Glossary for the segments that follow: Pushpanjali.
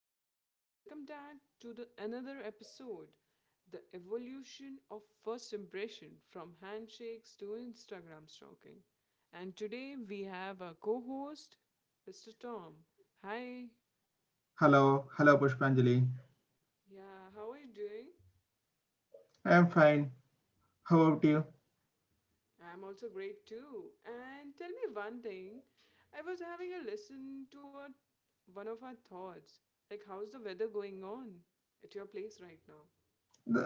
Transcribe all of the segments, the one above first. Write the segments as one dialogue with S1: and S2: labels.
S1: So welcome back to the another episode, the evolution of first impression from handshakes to Instagram stalking. And today we have our co-host, Mr. Tom. Hi.
S2: Hello, hello Pushpanjali.
S1: Yeah, how are you doing?
S2: I'm fine. How about
S1: Oh,
S2: you?
S1: I'm also great too. And tell me one thing. I was having a listen to our, one of our thoughts. Like how's the weather going on at your place right now?
S2: The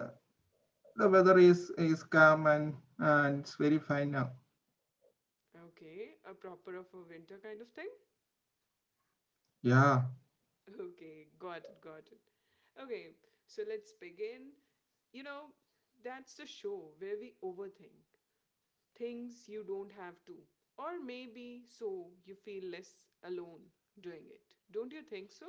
S2: the weather is calm and it's very fine now.
S1: Okay, a proper of a winter kind of thing?
S2: Yeah,
S1: Okay, got it, got it. Okay, so let's begin. You know, that's the show where we overthink things you don't have to. Or maybe so you feel less alone doing it. Don't you think so?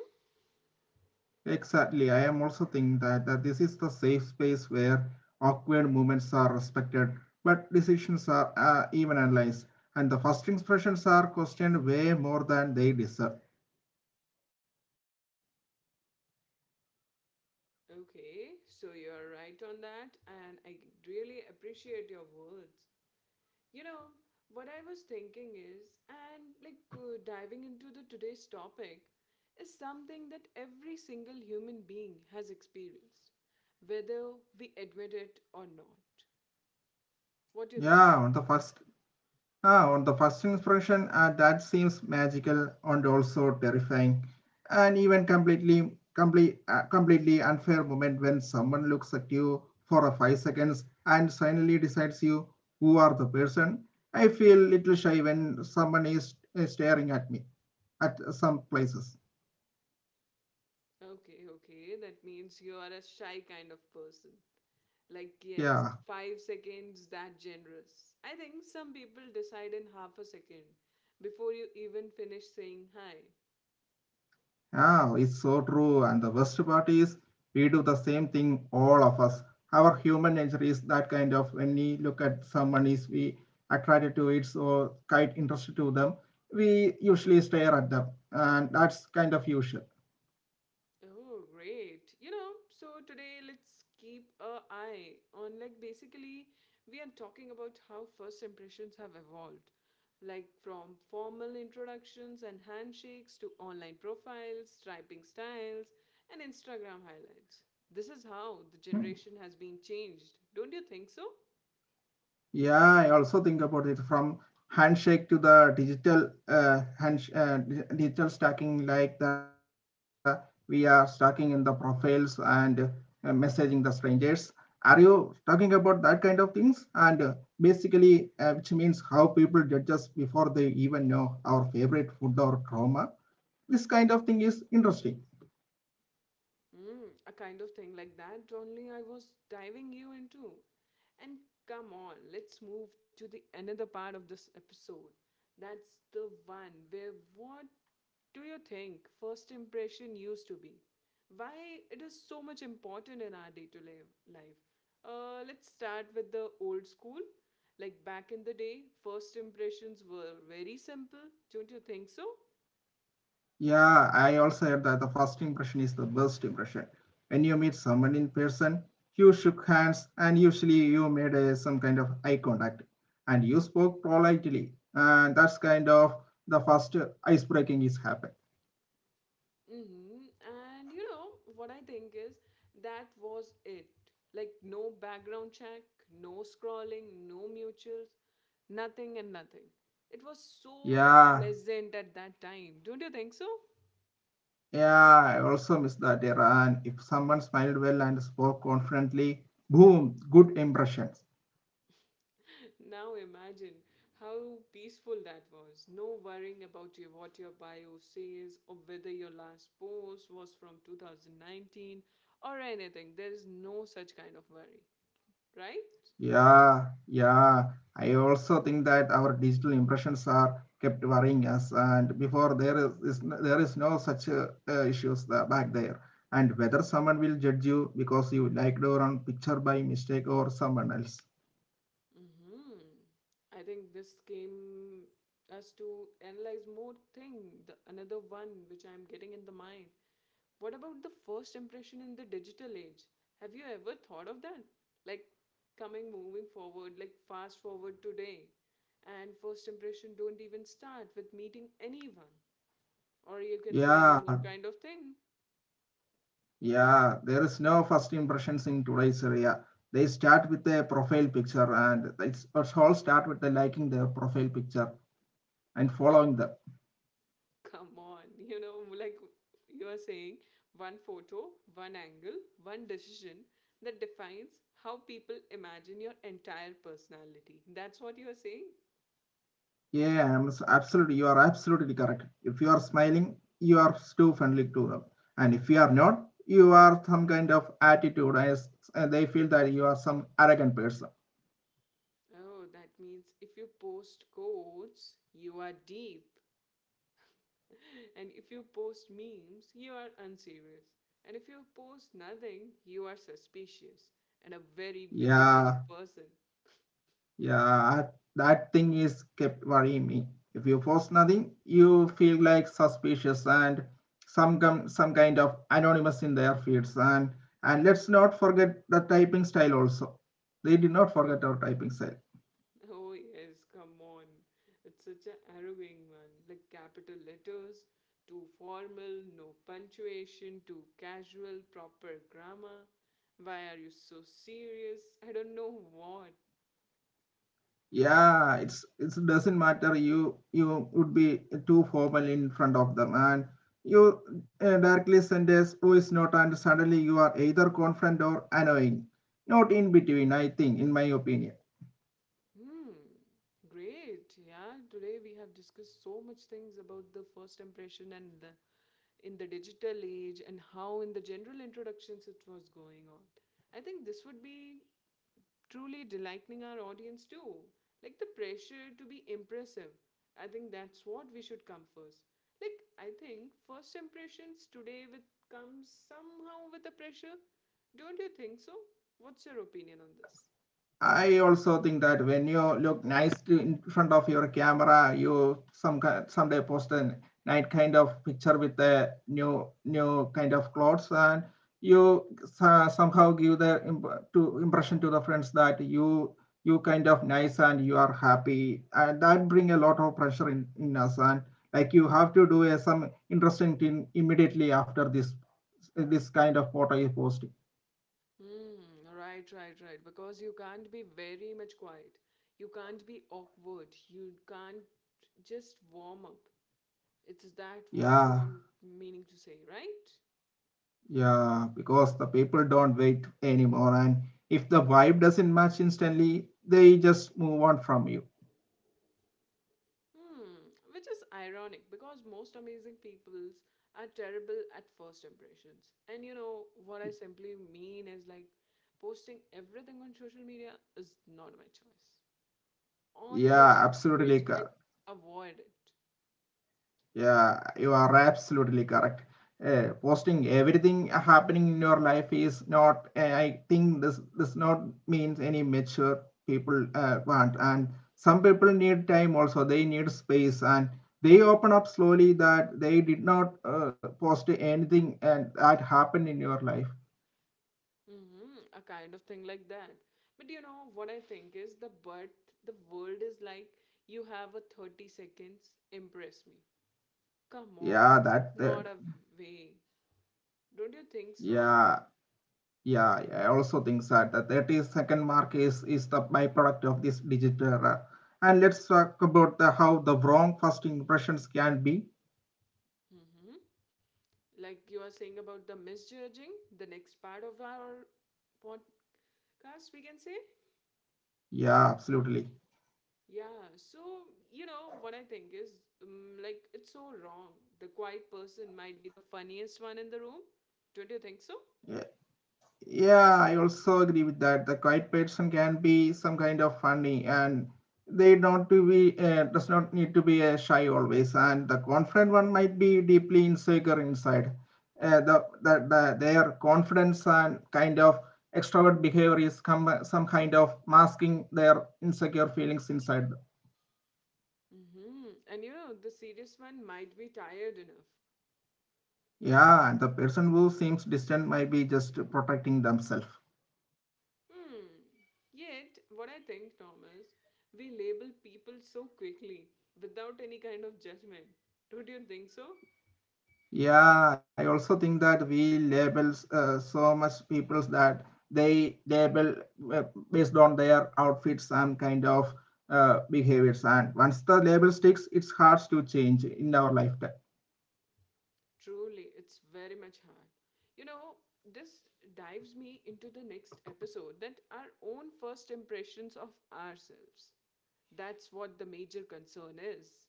S2: exactly. I am also thinking that this is the safe space where awkward moments are respected, but decisions are even analyzed, and the first expressions are questioned way more than they deserve.
S1: Okay, so you're right on that, and I really appreciate your words. You know, what I was thinking is, and diving into the today's topic, is something that every single human being has experienced, whether we admit it or not. What do you think of
S2: Yeah, on
S1: that?
S2: the first on the first impression, that seems magical and also terrifying, and even completely unfair moment when someone looks at you for a 5 seconds and suddenly decides you who are the person. I feel little shy when someone is staring at me at some places.
S1: Okay, okay, that means you are a shy kind of person. Like, yes,
S2: Yeah.
S1: 5 seconds that generous. I think some people decide in half a second before you even finish saying hi.
S2: Yeah, it's so true. And the worst part is we do the same thing, all of us. Our human nature is that kind of when we look at someone is we attracted to it so quite interested to them, we usually stare at them. And that's kind of usual.
S1: Oh, great. You know, so today let's keep a eye on like basically we are talking about how first impressions have evolved. Like from formal introductions and handshakes to online profiles, typing styles, and Instagram highlights. This is how the
S2: Hmm.
S1: generation has been changed. Don't you think so?
S2: Yeah, I also think about it from handshake to the digital hand, digital stacking, like the we are stacking in the profiles and messaging the strangers. Are you talking about that kind of things? And basically, which means how people judge us before they even know our favorite food or trauma. This kind of thing is interesting.
S1: Mm, a kind of thing like that only I was diving you into. And come on, let's move to the another part of this episode. That's the one where what do you think first impression used to be? Why it is so much important in our day-to-day life? Let's start with the old school. Like back in the day, first impressions were very simple, don't you think so?
S2: Yeah, I also heard that the first impression is the best impression. When you meet someone in person, you shook hands and usually you made a, some kind of eye contact and you spoke politely. And that's kind of the first ice breaking is happened.
S1: Mm-hmm. And you know what I think is that was it. Like no background check, no scrolling, no mutuals, nothing and nothing. It was so
S2: Yeah,
S1: pleasant at that time. Don't you think so?
S2: yeah, I also miss that era. And if someone smiled well and spoke confidently, boom, good impression.
S1: Now imagine how peaceful that was. No worrying about your, what your bio says or whether your last post was from 2019 or anything. There is no such kind of worry, right?
S2: Yeah, yeah. I also think that our digital impressions are kept worrying us, and before there is no such issues back there. And whether someone will judge you because you liked a wrong picture by mistake or someone else.
S1: Hmm. I think this came us to analyze more thing, the another one which I'm getting in the mind. What about the first impression in the digital age? Have you ever thought of that? Like coming moving forward, like fast forward today. And first impression don't even start with meeting anyone. Or you can say any
S2: Yeah,
S1: more kind of thing.
S2: yeah. There is no first impressions in today's area. They start with a profile picture, and it's all start with the liking their profile picture and following them.
S1: Come on, you know, like you are saying, one photo, one angle, one decision that defines how people imagine your entire personality. That's what you are saying?
S2: Absolutely. You are absolutely correct. If you are smiling, you are too friendly to them, and if you are not, you are some kind of attitude, and they feel that you are some arrogant person.
S1: Oh, that means if you post quotes, you are deep. And if you post memes, you are unserious. And if you post nothing, you are suspicious and a very busy kind of
S2: Yeah,
S1: person.
S2: yeah. That thing is kept worrying me. If you post nothing, you feel like suspicious and some kind of anonymous in their feeds, and let's not forget the typing style also. They did not forget our typing style.
S1: Oh, yes, come on. It's such a arrogant one. Like capital letters, too formal, no punctuation, too casual, proper grammar. Why are you so serious? I don't know what.
S2: Yeah, it's it doesn't matter you would be too formal in front of them and you directly send a voice note and suddenly you are either confident or annoying, not in between. I think, in my opinion.
S1: Hmm. Great. Yeah, today we have discussed so much things about the first impression and the in the digital age and how in the general introductions it was going on. I think this would be truly delighting our audience too. Like the pressure to be impressive. I think that's what we should come first. Like I think first impressions today with comes somehow with the pressure. Don't you think so? What's your opinion on this?
S2: I also think that when you look nice to, in front of your camera, you someday post a nice kind of picture with a new kind of clothes, and somehow give the imp- to impression to the friends that you kind of nice and you are happy, and that bring a lot of pressure in us, and like you have to do a, some interesting thing immediately after this kind of photo you post.
S1: Hmm, right, right, right. Because you can't be very much quiet. You can't be awkward. You can't just warm up. It's that what you
S2: Yeah.
S1: are meaning to say, right?
S2: Yeah, because the people don't wait anymore, and if the vibe doesn't match instantly, they just move on from you.
S1: Hmm, which is ironic because most amazing peoples are terrible at first impressions. And you know, what I simply mean is like posting everything on social media is not my choice. On the
S2: Yeah,
S1: digital
S2: absolutely
S1: page,
S2: correct.
S1: I avoid it.
S2: Yeah, you are absolutely correct. Posting everything happening in your life is not. I think this not means any mature people want, and some people need time also. They need space, and they open up slowly that they did not post anything and that happened in your life.
S1: Mm-hmm, a kind of thing like that. But you know what I think is the birth, the world is like you have a 30 seconds, impress me. Come on,
S2: Yeah,
S1: it's
S2: that,
S1: not
S2: that
S1: a way. Don't you think so?
S2: yeah, yeah. Yeah, I also think that the 30-second mark is the byproduct of this digital era. And let's talk about the how the wrong first impressions can be.
S1: Mm-hmm. Like you are saying about the misjudging the next part of our podcast we can say.
S2: Yeah, absolutely.
S1: Yeah, so you know what I think is like it's so wrong. The quiet person might be the funniest one in the room, don't you think so?
S2: Yeah. Yeah, I also agree with that. The quiet person can be some kind of funny, and they don't to be does not need to be shy always. And the confident one might be deeply insecure inside. The their confidence and kind of extrovert behavior is come, some kind of masking their insecure feelings inside.
S1: Mm-hmm. And you know, the serious one might be tired enough.
S2: Yeah, and the person who seems distant might be just protecting themselves.
S1: Hmm, yet what I think Thomas, we label people so quickly without any kind of judgment, don't you think so?
S2: Yeah, I also think that we label so much people that they label uh, based on their outfits and kind of behaviors. And once the label sticks, it's hard to change in our lifetime.
S1: Truly, it's very much hard. You know, this dives me into the next episode that our own first impressions of ourselves. That's what the major concern is.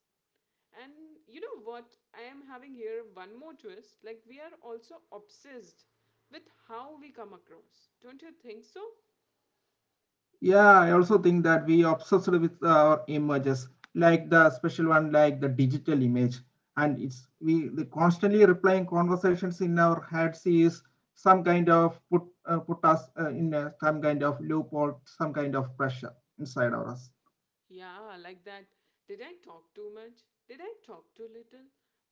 S1: And you know what? I am having here one more twist. Like, we are also obsessed with how we come across. Don't you think so?
S2: Yeah, I also think that we obsessed with our images, like the special one, like the digital image, and it's we the constantly replying conversations in our heads is some kind of put put us in a, some kind of loop or some kind of pressure inside of us.
S1: Yeah, like that. Did I talk too much? Did I talk too little?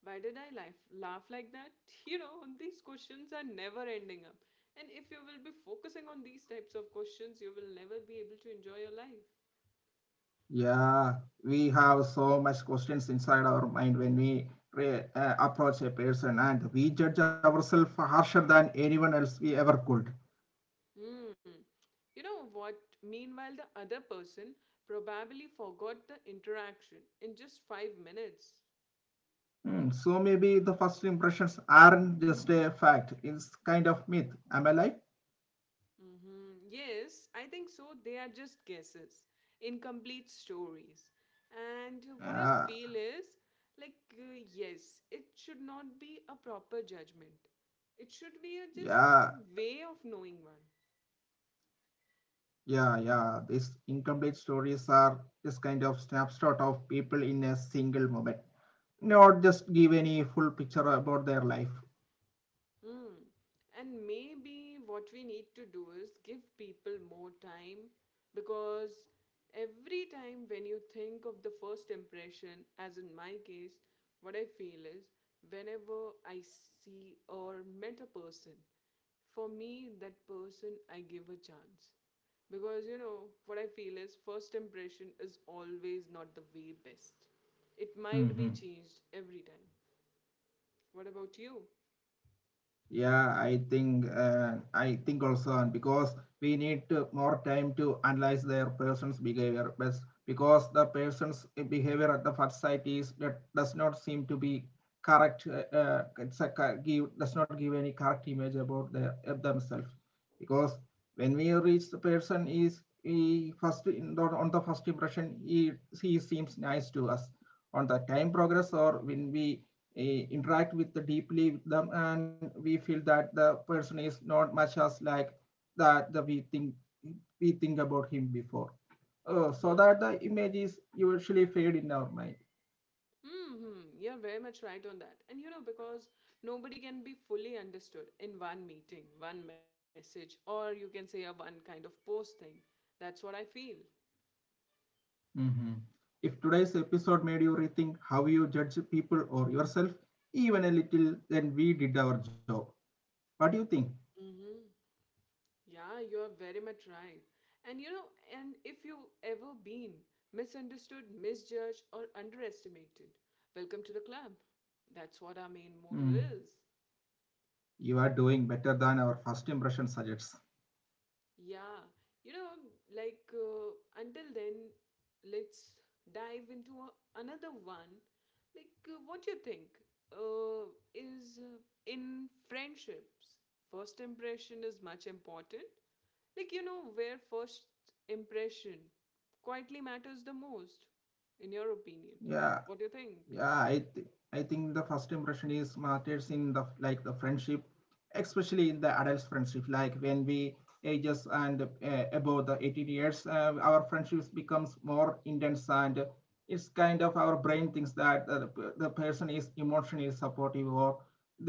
S1: Why did I laugh like that? You know, these questions are never ending up. And if you will be focusing on these types of questions, you will never be able to enjoy your life.
S2: Yeah, we have so much questions inside our mind when we approach a person, and we judge ourselves harsher than anyone else we ever could.
S1: Hmm. You know what? Meanwhile, the other person probably forgot the interaction in just 5 minutes.
S2: Hmm, so maybe the first impressions aren't just a fact. It's kind of myth. Am I right?
S1: Mm-hmm. Yes, I think so. They are just guesses, incomplete stories. And what I
S2: Yeah,
S1: feel is like, yes, it should not be a proper judgment. It should be a just
S2: yeah,
S1: way of knowing one.
S2: yeah. These incomplete stories are just kind of snapshot of people in a single moment. Not just give any full picture about their life.
S1: Mm. And maybe what we need to do is give people more time because every time when you think of the first impression, as in my case, what I feel is whenever I see or met a person, for me, that person, I give a chance. Because you know, what I feel is first impression is always not the way best. It might be changed every time. What about you?
S2: Yeah, I think also, and because we need to, more time to analyze their person's behavior, but because the person's behavior at the first sight is that does not seem to be correct. It's a, cor- give Does not give any correct image about their of themselves. Because when we reach the person is he first in the, on the first impression he seems nice to us. On the time progress or when we interact with the deeply with them and we feel that the person is not much as like that the we think about him before, so
S1: Yeah,
S2: that the image is usually fade in our mind.
S1: hmm, you're very much right on that. And you know, because nobody can be fully understood in one meeting, one message, or you can say a one kind of post thing. That's what I feel.
S2: Mm-hmm. If today's episode made you rethink how you judge people or yourself even a little, then we did our job. What do you think?
S1: Mm-hmm. Yeah, you're very much right. And you know, and if you've ever been misunderstood, misjudged, or underestimated, welcome to the club. That's what our main motto
S2: Mm.
S1: is.
S2: You are doing better than our first impression suggests.
S1: Yeah, you know, like uh, until then, let's dive into a, another one. Like, what you think is in friendships, first impression is much important. Like, you know, where first impression quietly matters the most, in your opinion.
S2: Yeah.
S1: What do you think?
S2: Yeah, I th I think the first impression is matters in the like the friendship, especially in the adults friendship. Like when we ages and above the 18 years, our friendships becomes more intense and it's kind of our brain thinks that the person is emotionally supportive or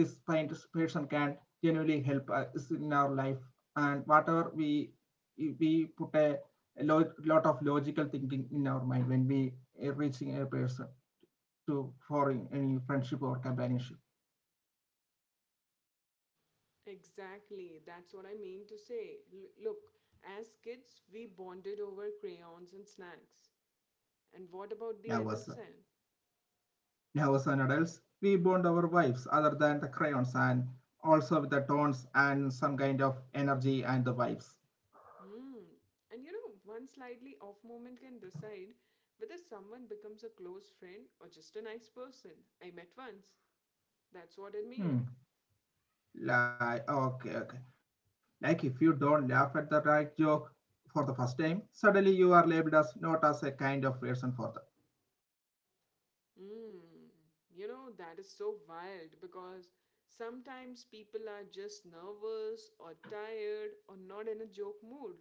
S2: this kind of person can genuinely help us in our life and whatever we put a lot of logical thinking in our mind when we reaching a person to for any friendship or companionship.
S1: Exactly, that's what I mean to say. Look, as kids, we bonded over crayons and snacks. And what about the
S2: Now
S1: adult
S2: was
S1: sign?
S2: Now was an adults. We bond our wives other than the crayons and also with the tones and some kind of energy and the vibes.
S1: Hmm. And you know, one slightly off moment can decide whether someone becomes a close friend or just a nice person I met once. That's what I mean.
S2: Hmm. Like okay, okay. Like if you don't laugh at the right joke for the first time, suddenly you are labeled as not as a kind of person for the.
S1: Hmm. You know, that is so wild because sometimes people are just nervous or tired or not in a joke mood.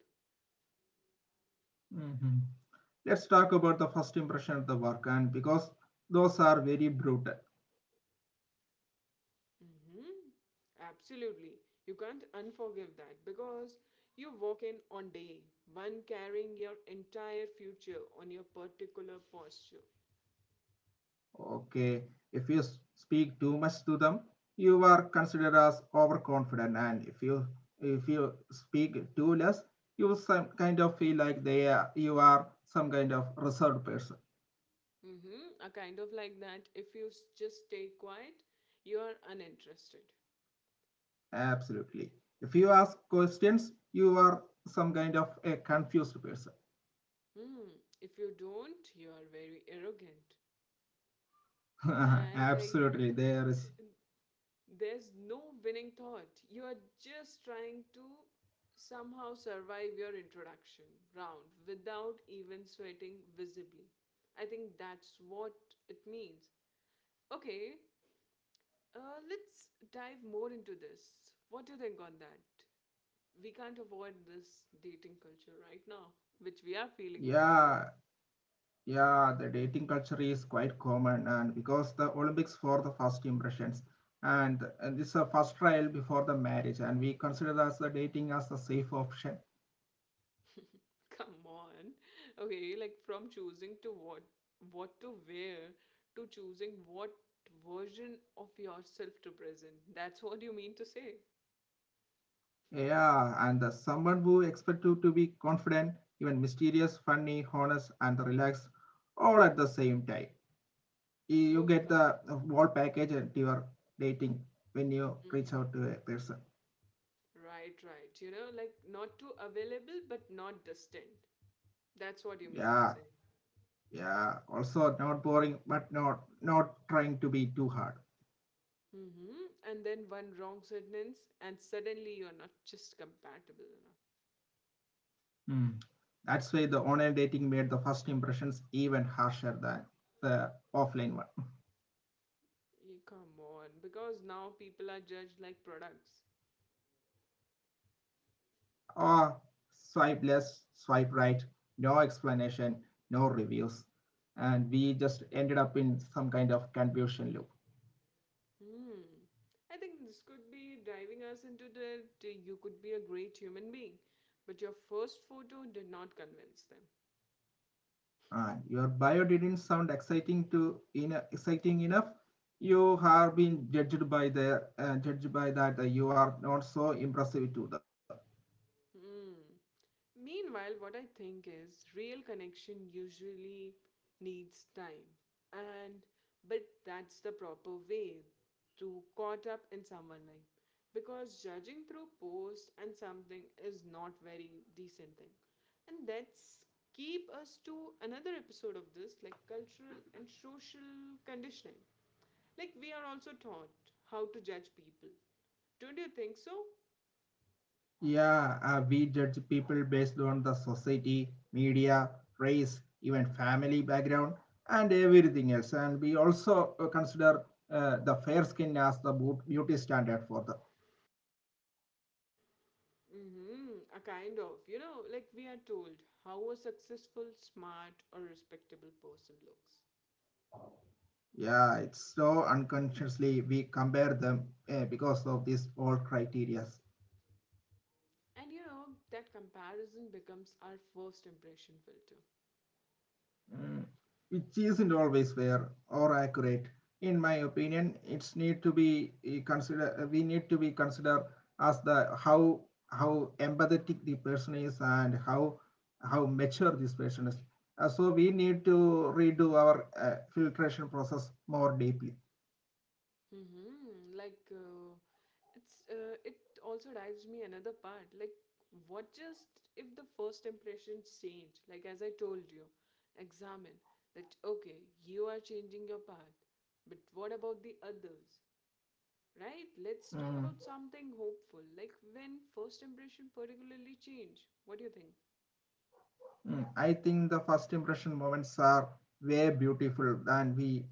S2: Mhm. Let's talk about the first impression of the work and because those are very brutal.
S1: Mm-hmm. Absolutely. You can't unforgive that because you walk in on day one carrying your entire future on your particular posture.
S2: Okay, if you speak too much to them, you are considered as overconfident, and if you speak too less, you some kind of feel like they are, you are some kind of reserved person.
S1: Mm-hmm. A kind of like that. If you just stay quiet, you are uninterested.
S2: Absolutely. If you ask questions, you are some kind of a confused person.
S1: Hmm. If you don't, you are very arrogant. And like,
S2: Absolutely, there is.
S1: there's no winning thought. You are just trying to somehow survive your introduction round without even sweating visibly. I think that's what it means. Okay, let's dive more into this. What do you think on that? We can't avoid this dating culture right now, which we are feeling over here.
S2: Yeah, yeah, the dating culture is quite common, and because the Olympics for the first impressions, and this is a first trial before the marriage, and we consider as the dating as the safe option.
S1: Come on. Okay, like from choosing to what to wear to choosing what version of yourself to present. That's what you mean to say.
S2: Yeah, and the someone who expect you to be confident, even mysterious, funny, honest, and relaxed, all at the same time. You
S1: Oh,
S2: get
S1: come
S2: the
S1: on.
S2: whole package at your dating when you reach
S1: Mhm.
S2: out to a person.
S1: Right, right. You know, like not too available but not distant. That's what you mean to
S2: Yeah,
S1: say.
S2: yeah, also not boring but not trying to be too hard.
S1: Hmm. And then one wrong sentence, and suddenly you're not just compatible enough.
S2: Hmm. That's why the online dating made the first impressions even harsher than the offline one. Oh,
S1: Yeah, come on, because now people are judged like products.
S2: swipe left, swipe right, no explanation, no reviews, and we just ended up in some kind of confusion loop.
S1: Hmm. I think this could be driving us into the you could be a great human being, but your first photo did not convince them.
S2: Your bio didn't sound exciting to in exciting enough. You are being judged by the judged by that you are not so impressive to them.
S1: Hmm. Meanwhile, what I think is real connection usually needs time. And but that's the proper way to caught up in someone life. Because judging through post and something is not very decent thing. And that's keep us to another episode of this, like cultural and social conditioning. Like we are also taught how to judge people. Don't you think so?
S2: Yeah, we judge people based on the society, media, race, even family background, and everything else. And we also consider the fair skin as the beauty standard for the.
S1: Mm-hmm, a kind of, you know, like we are told how a successful, smart, or respectable person looks.
S2: Yeah, it's so unconsciously we compare them because of these all criteria.
S1: And you know, that comparison becomes our first impression filter.
S2: Mm, which isn't always fair or accurate. In my opinion, it's need to be consider. We need to be considered as the how empathetic the person is, and how mature this person is. So we need to redo our filtration process more deeply.
S1: Mm-hmm, it also drives me another part. Like, what just if the first impressions change? Like, as I told you, examine that okay, you are changing your part, but what about the others? Right, let's talk
S2: Mm.
S1: about something hopeful, like when first impression particularly change. What do you think?
S2: Mm, I think the first impression moments are way beautiful than we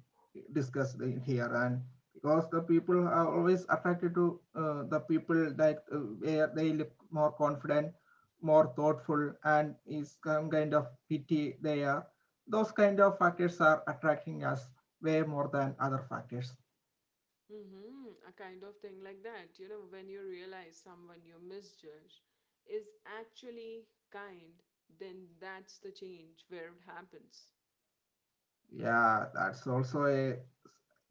S2: discussed here, and because the people are always attracted to the people that where they look more confident, more thoughtful, and is some kind of pity they are. Those kind of factors are attracting us way more than other factors.
S1: Mm-hmm. A kind of thing like that. You know, when you realize someone you misjudge is actually kind, then that's the change where it happens.
S2: Yeah, that's also a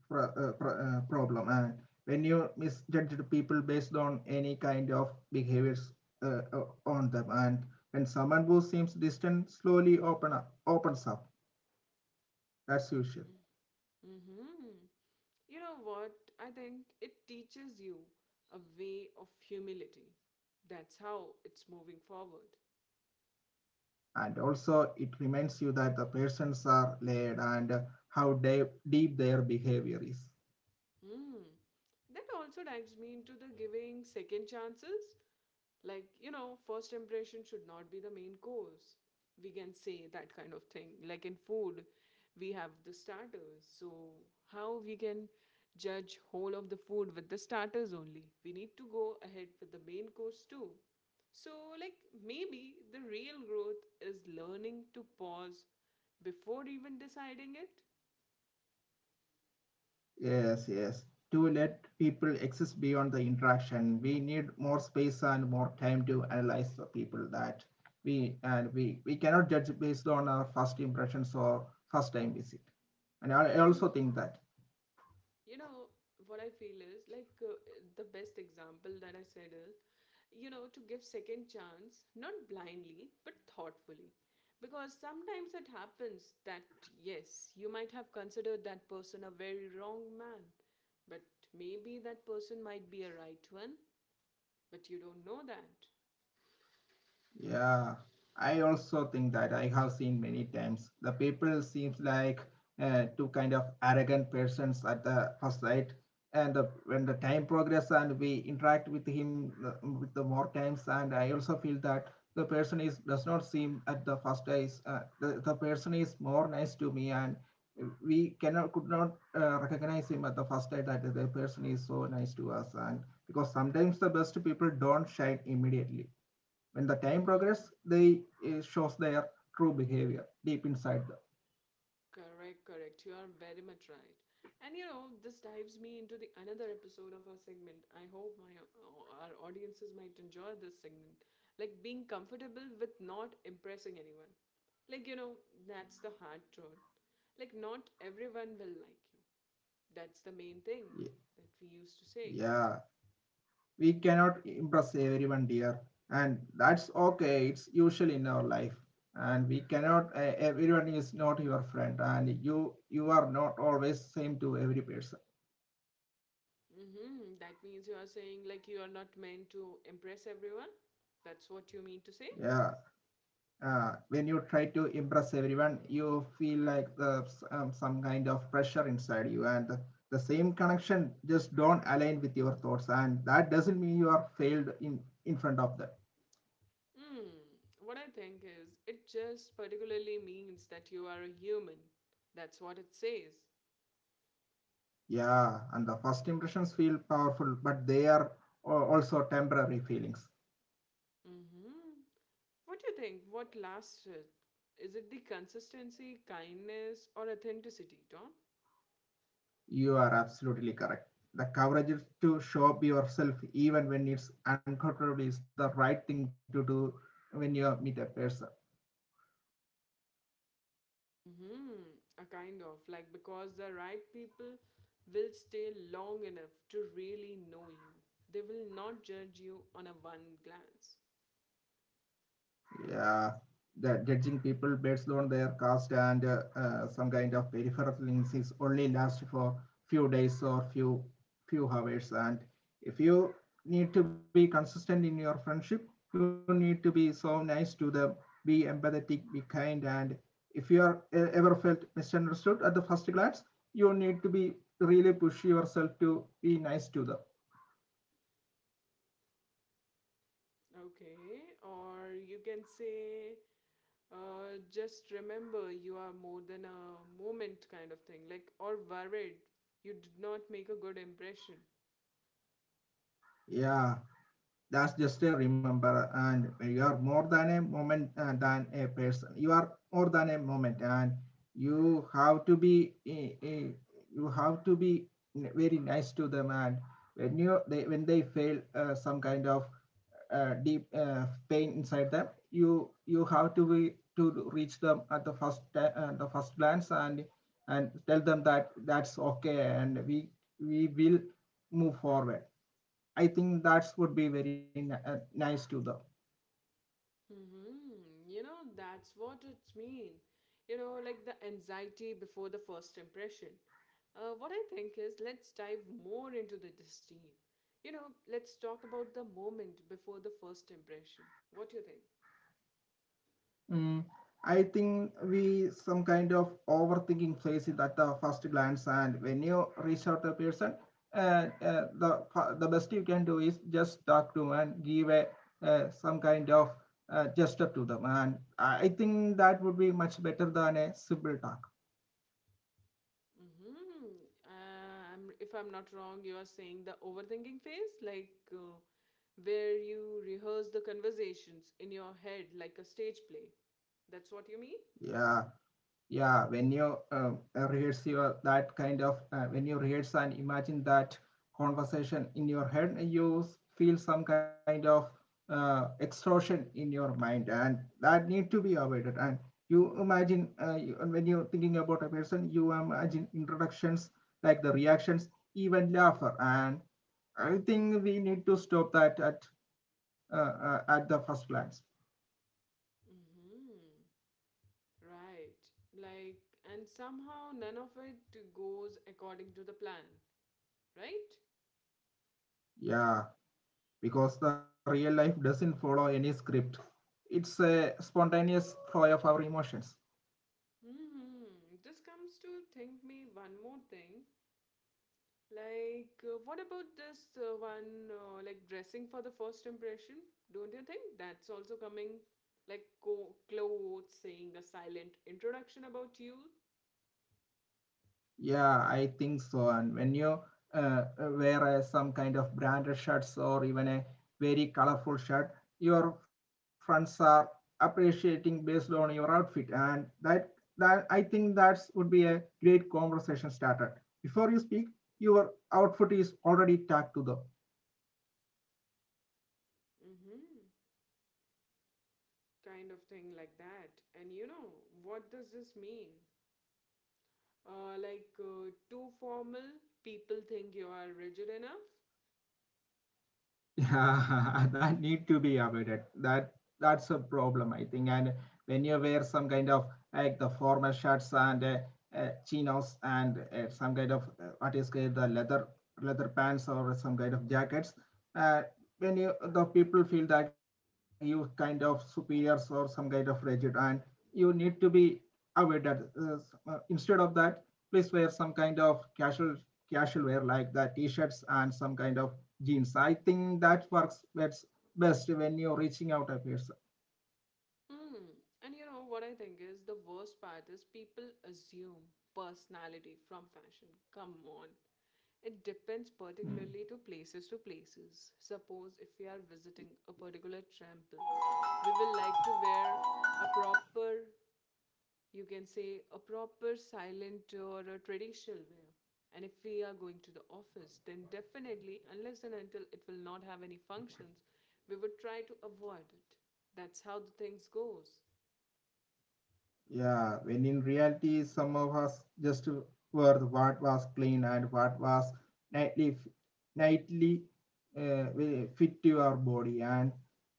S2: problem. And when you misjudge the people based on any kind of behaviors on them, and when someone who seems distant slowly opens up, that's usual.
S1: Mm-hmm. You know what? I think it teaches you a way of humility. That's how it's moving forward.
S2: And also, it reminds you that the persons are layered and, how deep their behavior is.
S1: Hmm, that also dives me into the giving second chances. Like, you know, first impression should not be the main course. We can say that kind of thing. Like in food, we have the starters. So, how we can judge whole of the food with the starters only? We need to go ahead with the main course too. So, like, maybe the real growth is learning to pause before even deciding
S2: Yes, yes. To let people exist beyond the interaction, we need more space and more time to analyze the people that we and we we cannot judge based on our first impressions or first time visit. And I also
S1: it.
S2: think that.
S1: You know what I feel is like the best example that I said is, you know, to give second chance not blindly but thoughtfully, because sometimes it happens that yes, you might have considered that person a very wrong man, but maybe that person might be a right one, but you don't know that.
S2: Yeah, I also think that I have seen many times the people seems like, two kind of arrogant persons at the first sight, and when the time progress and we interact with him with the more times, and I also feel that the person is does not seem at the first eyes, the person is more nice to me, and we cannot could not recognize him at the first sight that the person is so nice to us, and because sometimes the best people don't shine immediately. When the time progress, they shows their true behavior deep inside them.
S1: Correct, correct. You are very much right. And you know, this dives me into the another episode of our segment. I hope my our audiences might enjoy this segment. Like being comfortable with not impressing anyone. Like, you know, that's the hard truth. Like not everyone will like you. That's the main thing that we used to say.
S2: Yeah, yeah, we cannot impress everyone, dear, and that's okay. It's usual in our life, and we cannot. Everyone is not your friend, and you are not always same to every person.
S1: Mm-hmm. That means you are saying like you are not meant to impress everyone. That's what you mean to say?
S2: Yeah, when you try to impress everyone, you feel like some kind of pressure inside you, and the same connection just don't align with your thoughts, and that doesn't mean you are failed in front of that.
S1: Hmm. What I think is, it just particularly means that you are a human. That's what it says.
S2: Yeah, and the first impressions feel powerful, but they are also temporary feelings.
S1: Mm-hmm. What do you think? What lasts it? Is it the consistency, kindness, or authenticity, Tom?
S2: You are absolutely correct. The courage is to show up yourself even when it's uncomfortable is the right thing to do when you meet a person.
S1: Mm-hmm. A kind of like because the right people will stay long enough to really know you. They will not judge you on a one glance.
S2: Yeah, the judging people based on their caste and some kind of peripheral links is only last for few days or few hours. And if you need to be consistent in your friendship, you need to be so nice to them, be empathetic, be kind. And if you are ever felt misunderstood at the first glance, you need to be really push yourself to be nice to them.
S1: Okay, or you can say, just remember you are more than a moment kind of thing, like, or worried you did not make a good impression.
S2: Yeah, that's just a remember, and you are more than a moment, than a person you are more than a moment. And you have to be, you have to be very nice to them. And when they feel, some kind of deep pain inside them, you have to be to reach them at the the first glance, and tell them that that's okay, and we will move forward. I think that would be very nice to the.
S1: Hmm. You know, that's what it means. You know, like the anxiety before the first impression. What I think is, let's dive more into the disdain. You know, let's talk about the moment before the first impression. What do you think?
S2: Mm, I think we some kind of overthinking plays it at the first glance, and when you reach out to a person, the best you can do is just talk to and give a, some kind of gesture to them, and I think that would be much better than a simple talk.
S1: Mm-hmm. If I'm not wrong, you are saying the overthinking phase, like, where you rehearse the conversations in your head like a stage play. That's what you mean?
S2: Yeah, yeah, when you rehearse your that kind of when you rehearse and imagine that conversation in your head, you feel some kind of extortion in your mind, and that need to be avoided. And you imagine, and when you're thinking about a person, you imagine introductions, like the reactions, even laughter. And I think we need to stop that at, uh, at the first glance.
S1: Mm-hmm. Right. Like, and somehow none of it goes according to the plan, right?
S2: Yeah, because the real life doesn't follow any script. It's a spontaneous flow of our emotions.
S1: Mm-hmm. This comes to think me one more thing. Like, what about this like dressing for the first impression? Don't you think that's also coming? Like, clothes saying a silent introduction about you?
S2: Yeah, I think so. And when you wear some kind of branded shirts, or even a very colorful shirt, your friends are appreciating based on your outfit, and that I think that would be a great conversation starter. Before you speak, your outfit is already tagged to the.
S1: Mm-hmm. Kind of thing like that. And you know, what does this mean? Like, too formal, people think you are rigid enough.
S2: Yeah, that need to be avoided. That that's a problem, I think. And when you wear some kind of like the formal shirts, and chinos, and some kind of what is called the leather pants, or some kind of jackets, uh, when you the people feel that you kind of superiors or some kind of rigid, and you need to be avoided. Instead of that, please wear some kind of casual wear, like the t-shirts and some kind of genes. I think that works best, best when you're reaching out a person.
S1: Hmm. And you know what, I think is the worst part is people assume personality from fashion. Come on. It depends
S2: Hmm.
S1: particularly to places to places. Suppose if we are visiting a particular temple, we will like to wear a proper, you can say a proper silent or a traditional way, and if we are going to the office, then definitely unless and until it will not have any functions, we would try to avoid it. That's how the things goes.
S2: Yeah, when in reality, some of us just were what was clean and what was nightly, nightly will fit to our body. And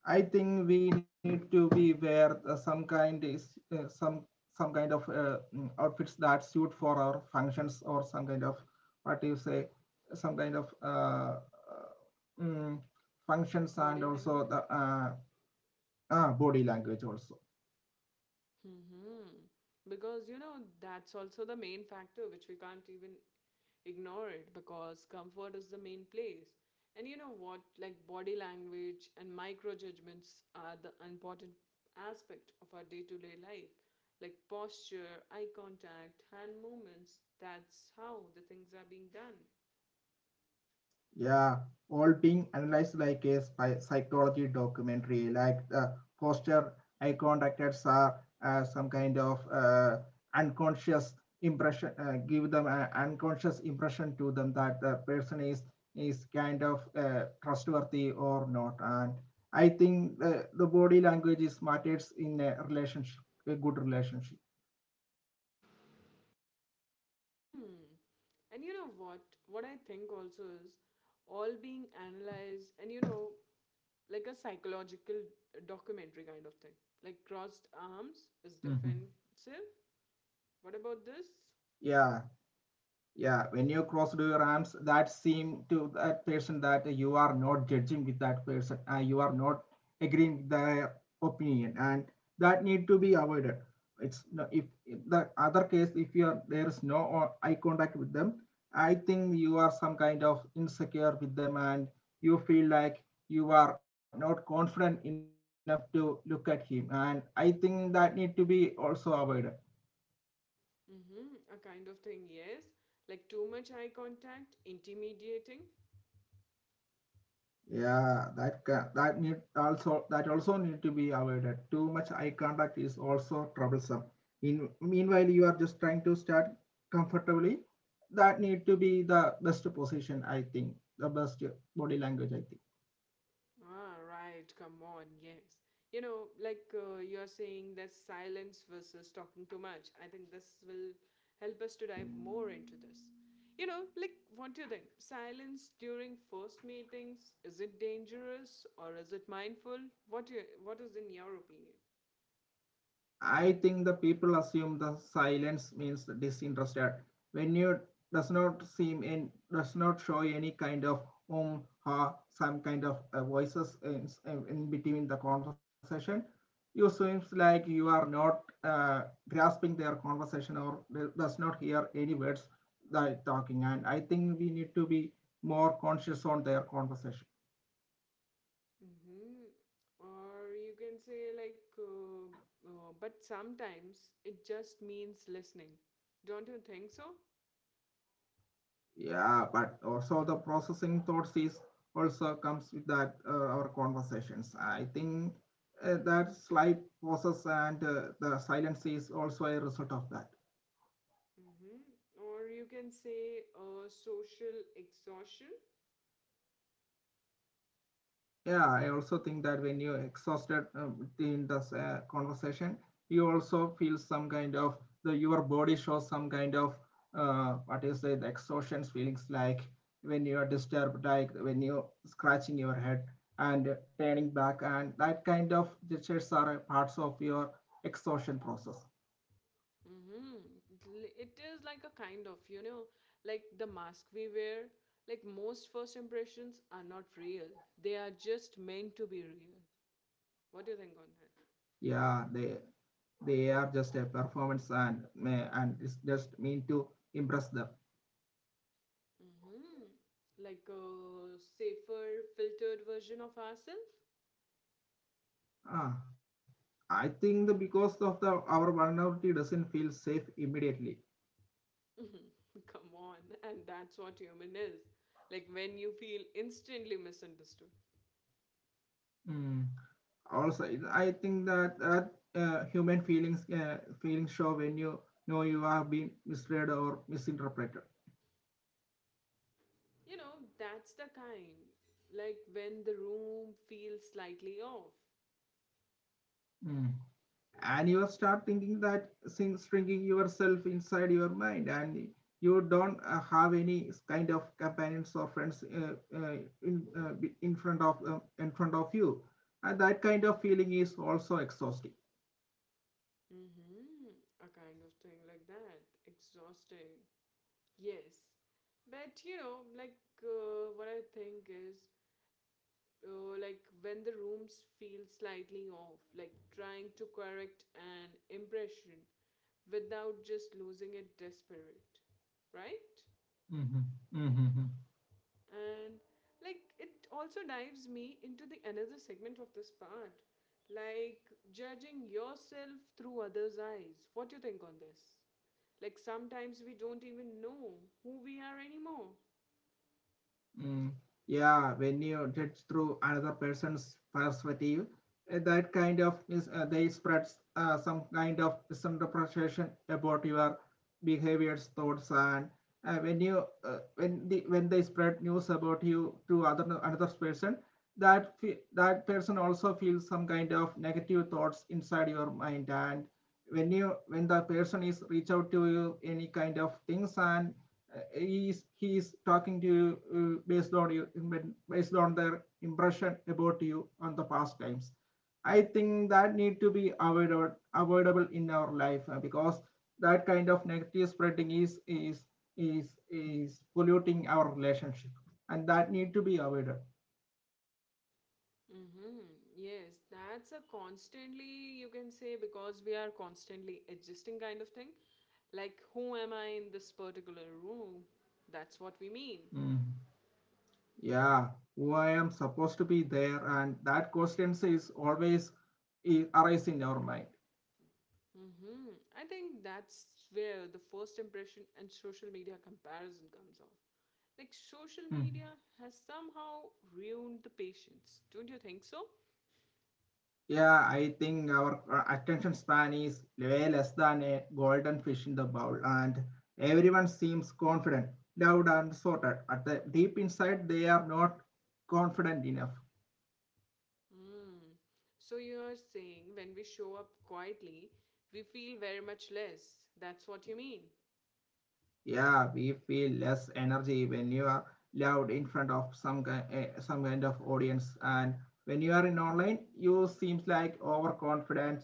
S2: I think we need to be wear some kind is some kind of outfits that suit for our functions, or some kind of, what do you say, some kind of mm, functions,
S1: Body
S2: and also
S1: language.
S2: the body language also.
S1: Hmm. Because, you know, that's also the main factor which we can't even ignore it, because comfort is the main place. And you know what? Like body language and micro judgments are the important aspect of our day to day life. Like posture, eye contact, hand movements. That's how the things are being done.
S2: Yeah, all being analyzed like a psychology documentary, like the poster, eye contacts are some kind of unconscious impression, give them an unconscious impression to them that the person is kind of trustworthy or not. And I think the body language is matters in a relationship, a good relationship.
S1: Mm. And you know what? What I think also is all being analyzed, and you know, like a psychological documentary kind of thing. Like crossed arms is
S2: Mhm.
S1: defensive. What about this?
S2: Yeah. Yeah, when you cross your arms, that seem to that person that you are not judging with that person, you are not agreeing with their opinion, and that need to be avoided. It's no, if in the other case, if you are there is no eye contact with them, I think you are some kind of insecure with them, and you feel like you are not confident enough to look at him, and I think that need to be also avoided.
S1: Mm-hmm. A kind of thing, yes. Like too much eye contact, intimidating.
S2: Yeah, that that need also that also need to be avoided. Too much eye contact is also troublesome. In meanwhile, you are just trying to start comfortably. That need to
S1: Mm-hmm.
S2: be the best position, I think, the best body language, I think.
S1: Ah, right. Come on, yes. You know, like, you're saying that silence versus talking too much. I think this will help us to dive more into this. You know, like, what do you think? Silence during first meetings, is it dangerous or is it mindful? What is in your opinion?
S2: I think the people assume the silence means disinterested. When you does not seem and does not show any kind of ha some kind of voices in between the conversation, you seems like you are not grasping their conversation, or does not hear any words they are talking. And I think we need to be more conscious on their conversation.
S1: Mm-hmm. Or you can say like, but sometimes it just means listening. Don't you think so?
S2: Yeah, but also the processing thoughts is also comes with that our conversations. I think that slight pauses and the silence is also a result of that.
S1: Mm-hmm. Or you can say social exhaustion.
S2: Yeah, I also think that when you exhausted in this conversation, you also feel some kind of the your body shows some kind of, what is it, the exhaustion feelings, like when you are disturbed, like when you scratching your head and turning back, and that kind of gestures are parts of your exhaustion process.
S1: Mm-hmm. It is like a kind of, you know, like the mask we wear. Like most first impressions are not real. They are just meant to be real. What do you think on that?
S2: Yeah, they are just a performance, and it's just mean to impress them.
S1: Mm-hmm. Like a safer, filtered version of ourselves?
S2: Ah, I think the because of the our vulnerability doesn't feel safe immediately.
S1: Come on. And that's what human is. Like when you feel instantly misunderstood.
S2: Mm. Also, it- I think that that human feelings feelings show when you know you are being misled or misinterpreted.
S1: You know, that's the kind. Like when the room feels slightly off.
S2: Mm. And you start thinking that shrinking yourself inside your mind, and you don't have any kind of companions or friends, uh, in uh, in front of uh, in front of you, and that kind of feeling is also exhausting.
S1: Mm-hmm. A kind of thing like that. Exhausting. Yes. But you know, like, what I think is, like when the rooms feel slightly off, like trying to correct an impression without just losing it desperate, right?
S2: Mm-hmm. Mm-hmm.
S1: And like it also dives me into the another segment of this part, like judging yourself through others' eyes. What do you think on this? Like sometimes we don't even know who we are anymore.
S2: Mm. Yeah, when you judge through another person's perspective, that kind of is they spreads some kind of misinterpretation about your behaviors, thoughts, and when you when they spread news about you to other another person, that that person also feels some kind of negative thoughts inside your mind, and when the person is reach out to you any kind of things, and he is talking to you uh, based on you based on their impression about you on the past times, I think that need to be avoided, avoidable in our life, because that kind of negative spreading is polluting our relationship, and that need to be avoided.
S1: Mm-hmm. Yes, that's a constantly, you can say, because we are constantly adjusting kind of thing. Like, who am I in this particular room? That's what we mean.
S2: Mm. Yeah, who I am supposed to be there, and that question is always is arise in our mind.
S1: Mm-hmm. I think that's where the first impression and social media comparison comes off. Like, social
S2: Mm.
S1: media has somehow ruined the patience. Don't you think so?
S2: Yeah, I think our attention span is way less than a golden fish in the bowl, and everyone seems confident, loud, and sorted. At the deep inside, they are not confident enough.
S1: Mm. So you're saying when we show up quietly, we feel very much less. That's what you mean.
S2: Yeah, we feel less energy when you are loud in front of some some kind of audience, and when you are in online, you seems like overconfident.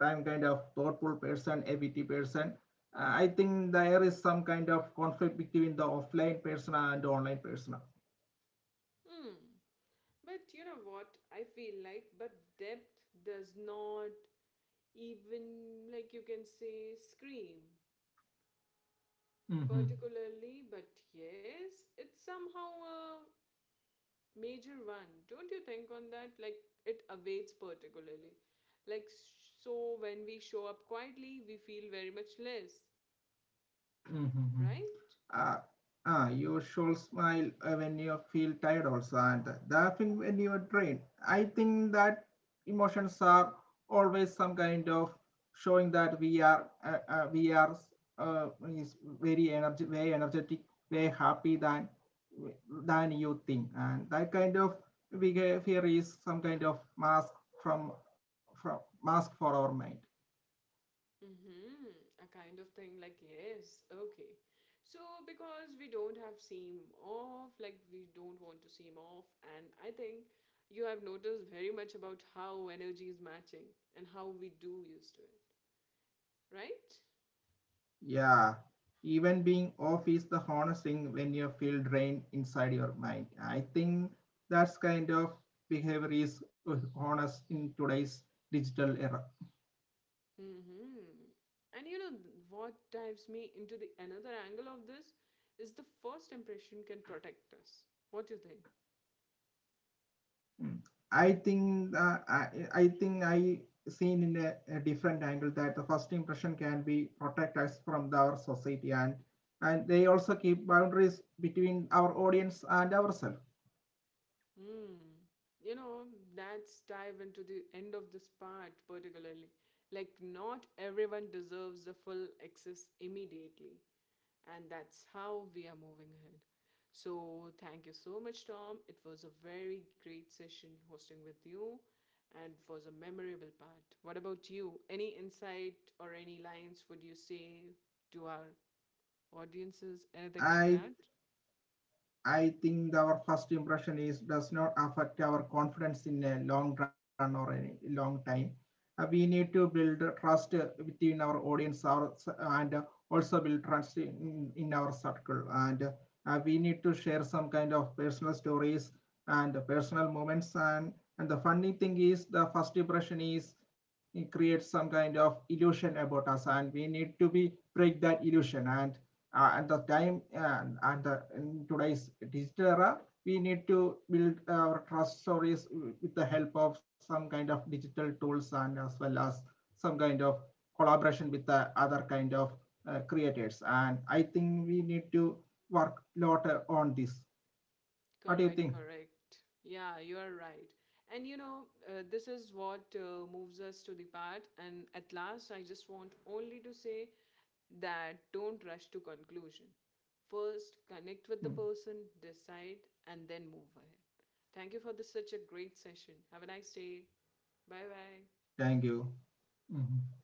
S2: I'm kind of thoughtful person, a witty person. I think there is some kind of conflict between the offline persona and the online persona.
S1: Hmm. But you know what? I feel like, but depth does not even, like you can say, scream
S2: Mm-hmm.
S1: particularly, but yes, it's somehow a major one. Don't you think on that? Like, it awaits particularly. Like, so when we show up quietly, we feel very much less,
S2: Mm-hmm.
S1: right?
S2: Uh, you should smile when you feel tired also, and laughing when you're drained. I think that emotions are always some kind of showing that we are uh, is very energetic, very happy than you think, and that kind of behavior is some kind of mask from from mask for our mind.
S1: Mm-hmm. A kind of thing like, yes, okay. So, because we don't have seem off, like, we don't want to seem off, and I think you have noticed very much about how energy is matching and how we do used to it, right?
S2: Yeah, even being off is the honest thing when you feel drained inside your mind. I think that's kind of behavior is honest in today's digital era.
S1: Mm-hmm. And you know what dives me into the another angle of this is the first impression can protect us. What do you think?
S2: Mm. I think I think I seen in a different angle that the first impression can be protect us from the, our society, and they also keep boundaries between our audience and ourselves.
S1: Hmm. You know, let's dive into the end of this part particularly. Like, not everyone deserves the full access immediately, and that's how we are moving ahead. So, thank you so much, Tom. It was a very great session hosting with you, and it was a memorable part. What about you? Any insight or any lines would you say to our audiences? Anything like
S2: I
S1: that?
S2: I think our first impression is does not affect our confidence in a long run or a long time. We need to build trust within our audience our, and also build trust in our circle. And we need to share some kind of personal stories and personal moments. And the funny thing is the first impression is it creates some kind of illusion about us, and we need to be break that illusion. And at the in today's digital era, we need to build our trust stories with the help of some kind of digital tools, and as well as some kind of collaboration with the other kind of creators, and I think we need to work a lot on this. What do you
S1: Correct,
S2: think?
S1: correct. Yeah, you are right. And you know, this is what moves us to the part. And at last, I just want only to say that don't rush to conclusion. First, connect with the
S2: Hmm.
S1: person, decide, and then move ahead. Thank you for this such a great session. Have a nice day. Bye bye.
S2: Thank you. Mhm.